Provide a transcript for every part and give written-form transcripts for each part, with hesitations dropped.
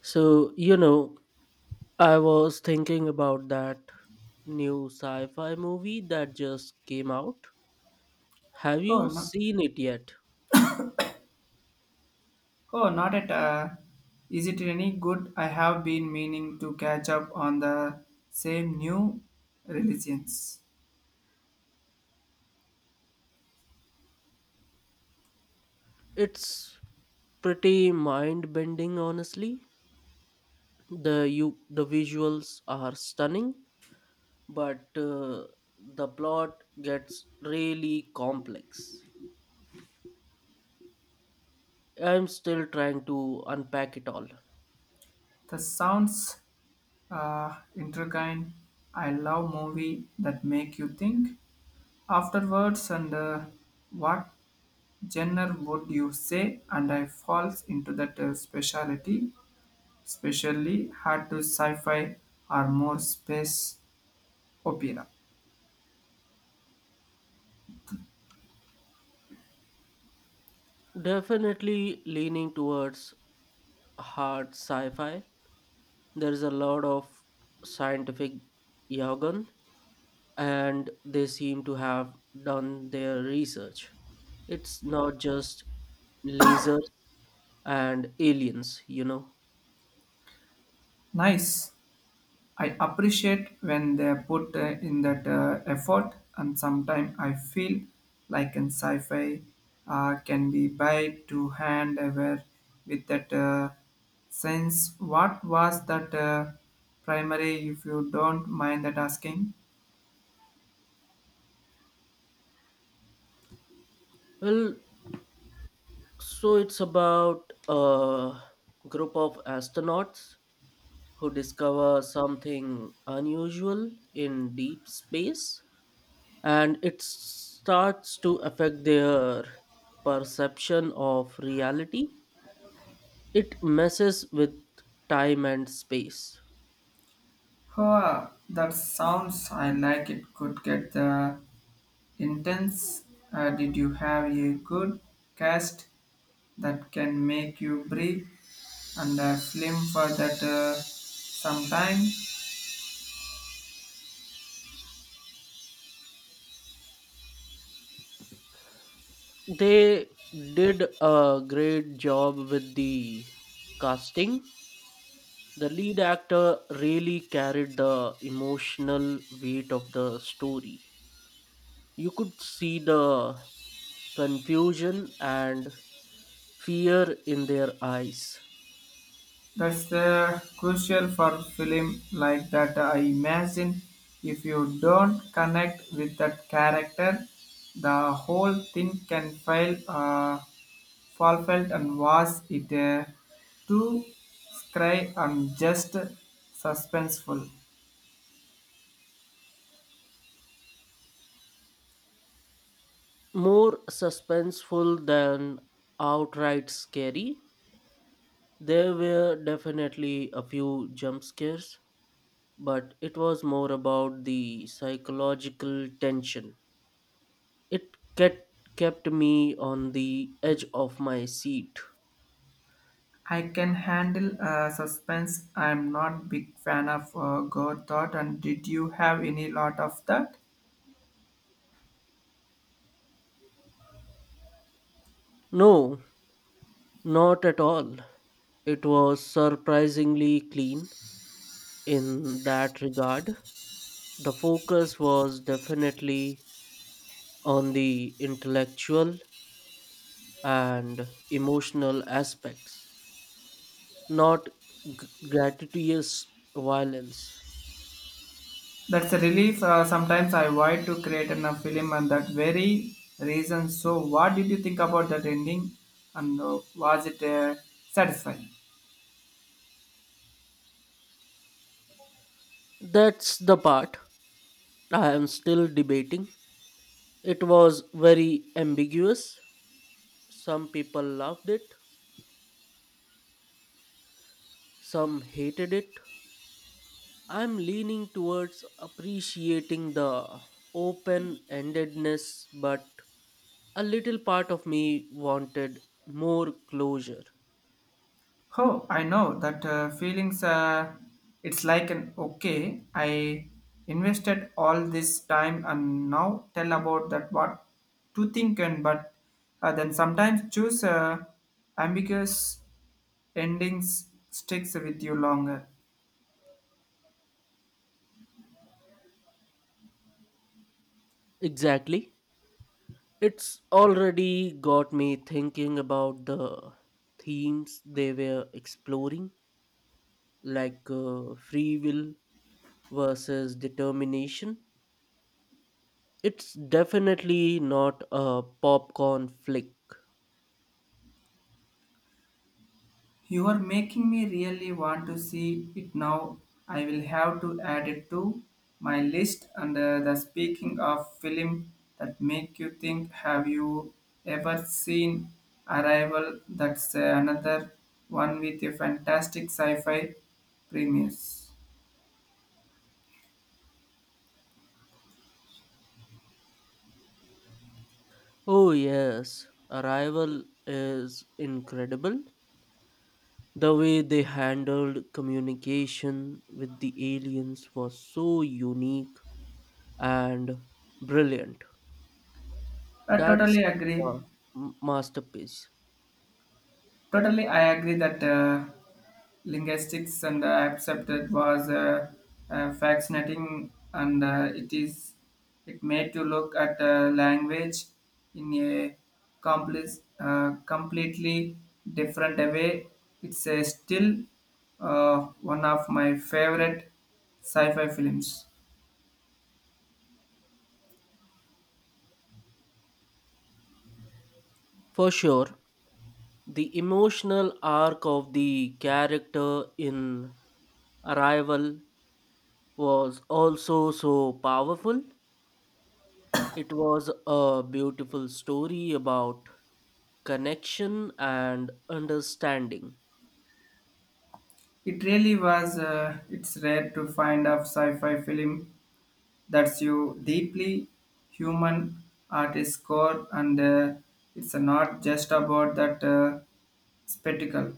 So, you know, I was thinking about that new sci fi movie that just came out. Have Oh you no, seen it yet? oh not at. Is it any good? I have been meaning to catch up on the same new religions. It's pretty mind bending, honestly. The visuals are stunning, but the plot gets really complex. I'm still trying to unpack it all. The sounds intertwined. I love movie that make you think afterwards and what genre would you say? And I falls into that speciality, especially hard to sci-fi or more space opera. Definitely leaning towards hard sci-fi. There is a lot of scientific jargon, and they seem to have done their research. It's not just lasers and aliens, you know. Nice. I appreciate when they put in that effort, and sometimes I feel like in sci-fi can be by to hand aware with that sense. What was that primary? If you don't mind that asking. Well, so it's about a group of astronauts who discover something unusual in deep space, and it starts to affect their perception of reality. It messes with time and space. Huh, that sounds I like it could get the intense. Did you have a good cast that can make you breathe and a film for that sometime They did a great job with the casting. The lead actor really carried the emotional weight of the story. You could see the confusion and fear in their eyes. that's crucial for film like that I imagine if you don't connect with that character the whole thing can fail fall felt and was it too scry and just suspenseful. More suspenseful than outright scary, there were definitely a few jump scares but it was more about the psychological tension. It kept me on the edge of my seat. I can handle suspense. I'm not big fan of gore thought. And did you have any lot of that? No, not at all. It was surprisingly clean in that regard. The focus was definitely on the intellectual and emotional aspects, not gratuitous violence. That's a relief. Sometimes I avoid to create in a film and that very reason. So, what did you think about that ending? And was it satisfying? That's the part I am still debating. It was very ambiguous. Some people loved it, some hated it. I'm leaning towards appreciating the open endedness, but a little part of me wanted more closure. Oh, I know that feelings. It's like an okay. I invested all this time and now tell about that what to think and but then sometimes choose ambiguous endings sticks with you longer. Exactly. It's already got me thinking about the themes they were exploring, like free will versus determination. It's definitely not a popcorn flick. You are making me really want to see it now. I will have to add it to my list. And the speaking of film that make you think, have you ever seen Arrival? That's another one with a fantastic sci-fi premise. Oh, yes, Arrival is incredible. The way they handled communication with the aliens was so unique and brilliant. I That's totally agree. a masterpiece. Totally, I agree that linguistics and accepted was fascinating, and it is it made to look at language in a complex, completely different way. It's still one of my favorite sci-fi films. For sure, the emotional arc of the character in Arrival was also so powerful. It was a beautiful story about connection and understanding. It really was. It's rare to find a sci-fi film that's you deeply human at its core, and it's not just about that spectacle.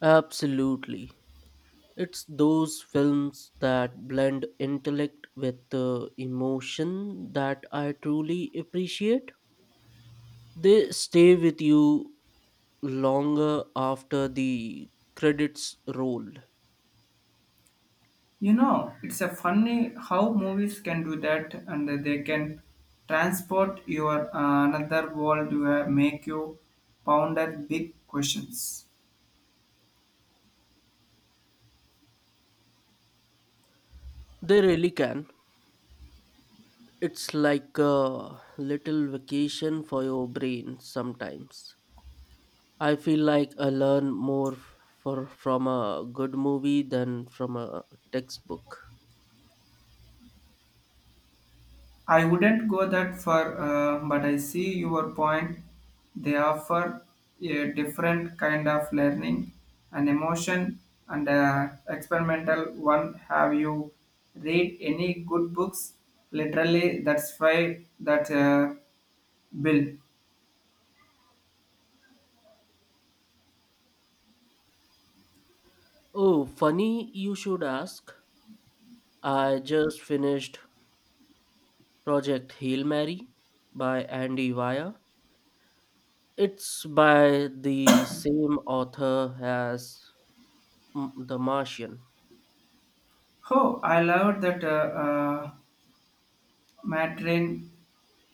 Absolutely. It's those films that blend intellect with emotion that I truly appreciate. They stay with you longer after the credits roll. You know, it's a funny how movies can do that, and they can transport your another world to make you ponder big questions. They really can. It's like a little vacation for your brain sometimes. I feel like I learn more from a good movie than from a textbook. I wouldn't go that far, but I see your point. They offer a different kind of learning, an emotion, and a experimental one. Have you read any good books? Literally, that's why that bill. Oh, funny you should ask. I just finished Project Hail Mary by Andy Weir. It's by the same author as The Martian. Oh, I loved that Matrin.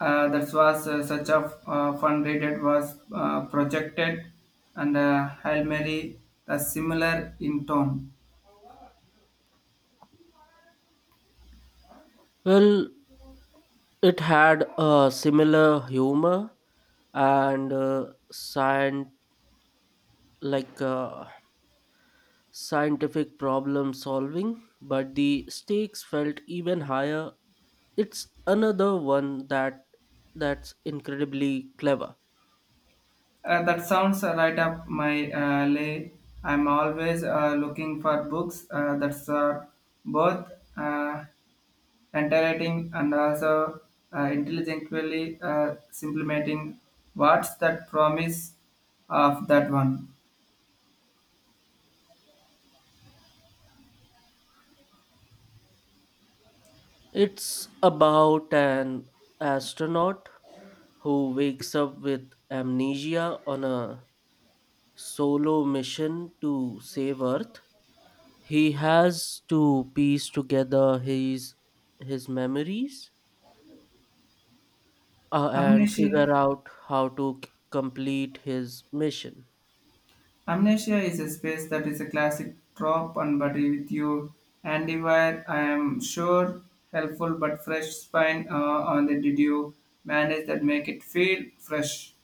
That was such a fun read. It was projected, and Hail Mary, similar in tone. Well, it had a similar humor and scient- like uh, scientific problem solving, but the stakes felt even higher. It's another one that's incredibly clever. That sounds right up my alley. I'm always looking for books that's both entertaining and also intelligently supplementing what's that promise of that one. It's about an astronaut who wakes up with amnesia on a solo mission to save Earth. He has to piece together his memories and Amnesia. figure out how to complete his mission. Amnesia is a space that is a classic trope and but with you anywhere I am sure helpful but fresh spine on the did you manage that make it feel fresh.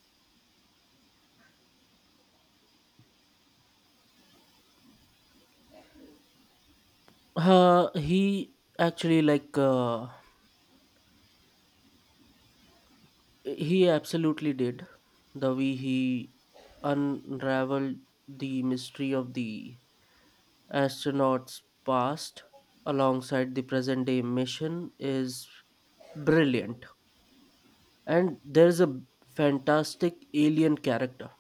He actually like he absolutely did. The way he unraveled the mystery of the astronauts past alongside the present day mission is brilliant, and there's a fantastic alien character.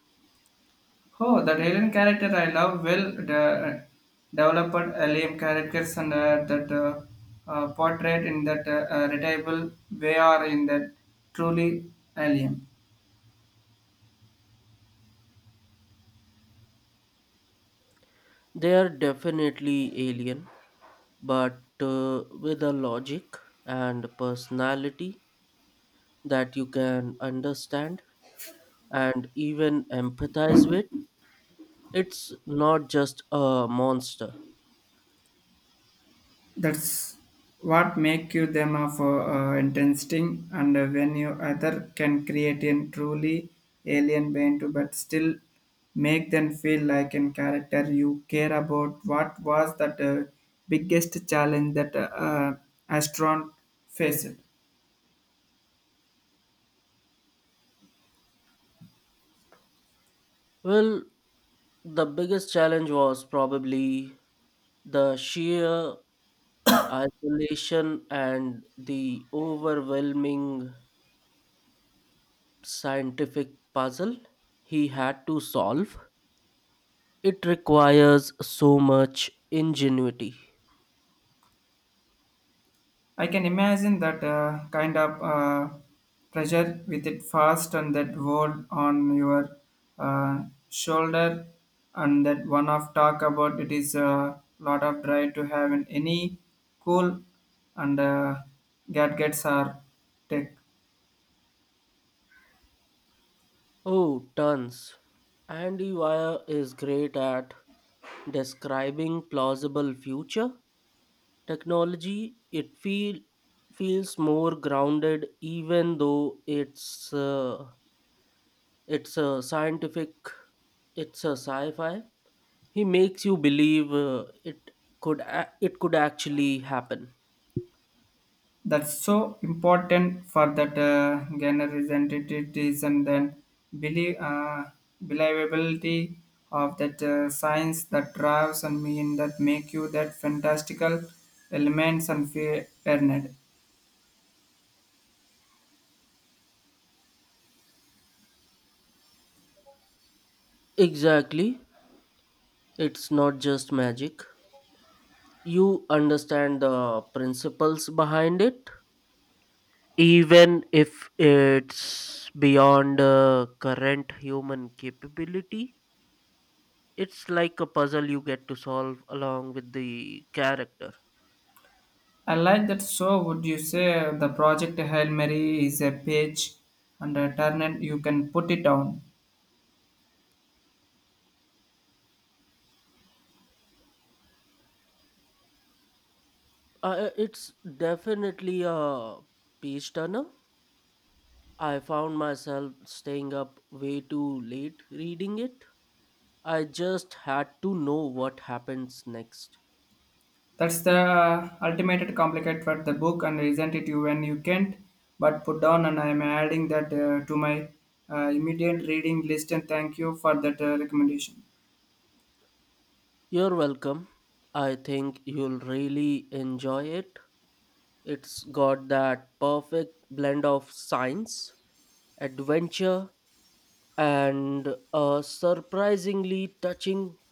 Oh, that alien character I love. Well, the developed alien characters and that portrait in that relatable way are in that truly alien. They are definitely alien but with a logic and personality that you can understand and even empathize with. It's not just a monster. That's what make you them of interesting, and when you other can create a truly alien brain to, but still make them feel like a character you care about. What was that biggest challenge that uh, astronaut faced? Well, the biggest challenge was probably the sheer isolation and the overwhelming scientific puzzle he had to solve. It requires so much ingenuity. I can imagine that kind of pressure with it fast and that world on your uh, shoulder and that one of talk about it is a lot of try to have in any cool and gadgets or tech. Oh, tons. Andy Weir is great at describing plausible future technology. It feels more grounded, even though uh, it's a sci-fi. He makes you believe it it could actually happen. That's so important for that generalization then believe believability of that science that drives and mean that make you that fantastical elements and earned. Exactly, it's not just magic. You understand the principles behind it, even if it's beyond current human capability. It's like a puzzle you get to solve along with the character. I like that. So would you say the project Hail Mary is a page and a turn and you can put it on? It's definitely a page turner. I found myself staying up way too late reading it. I just had to know what happens next. That's the ultimate complicate for the book, and isn't it you when you can't but put down? And I'm adding that to my immediate reading list. And thank you for that recommendation. You're welcome. I think you'll really enjoy it. It's got that perfect blend of science, adventure, and a surprisingly touching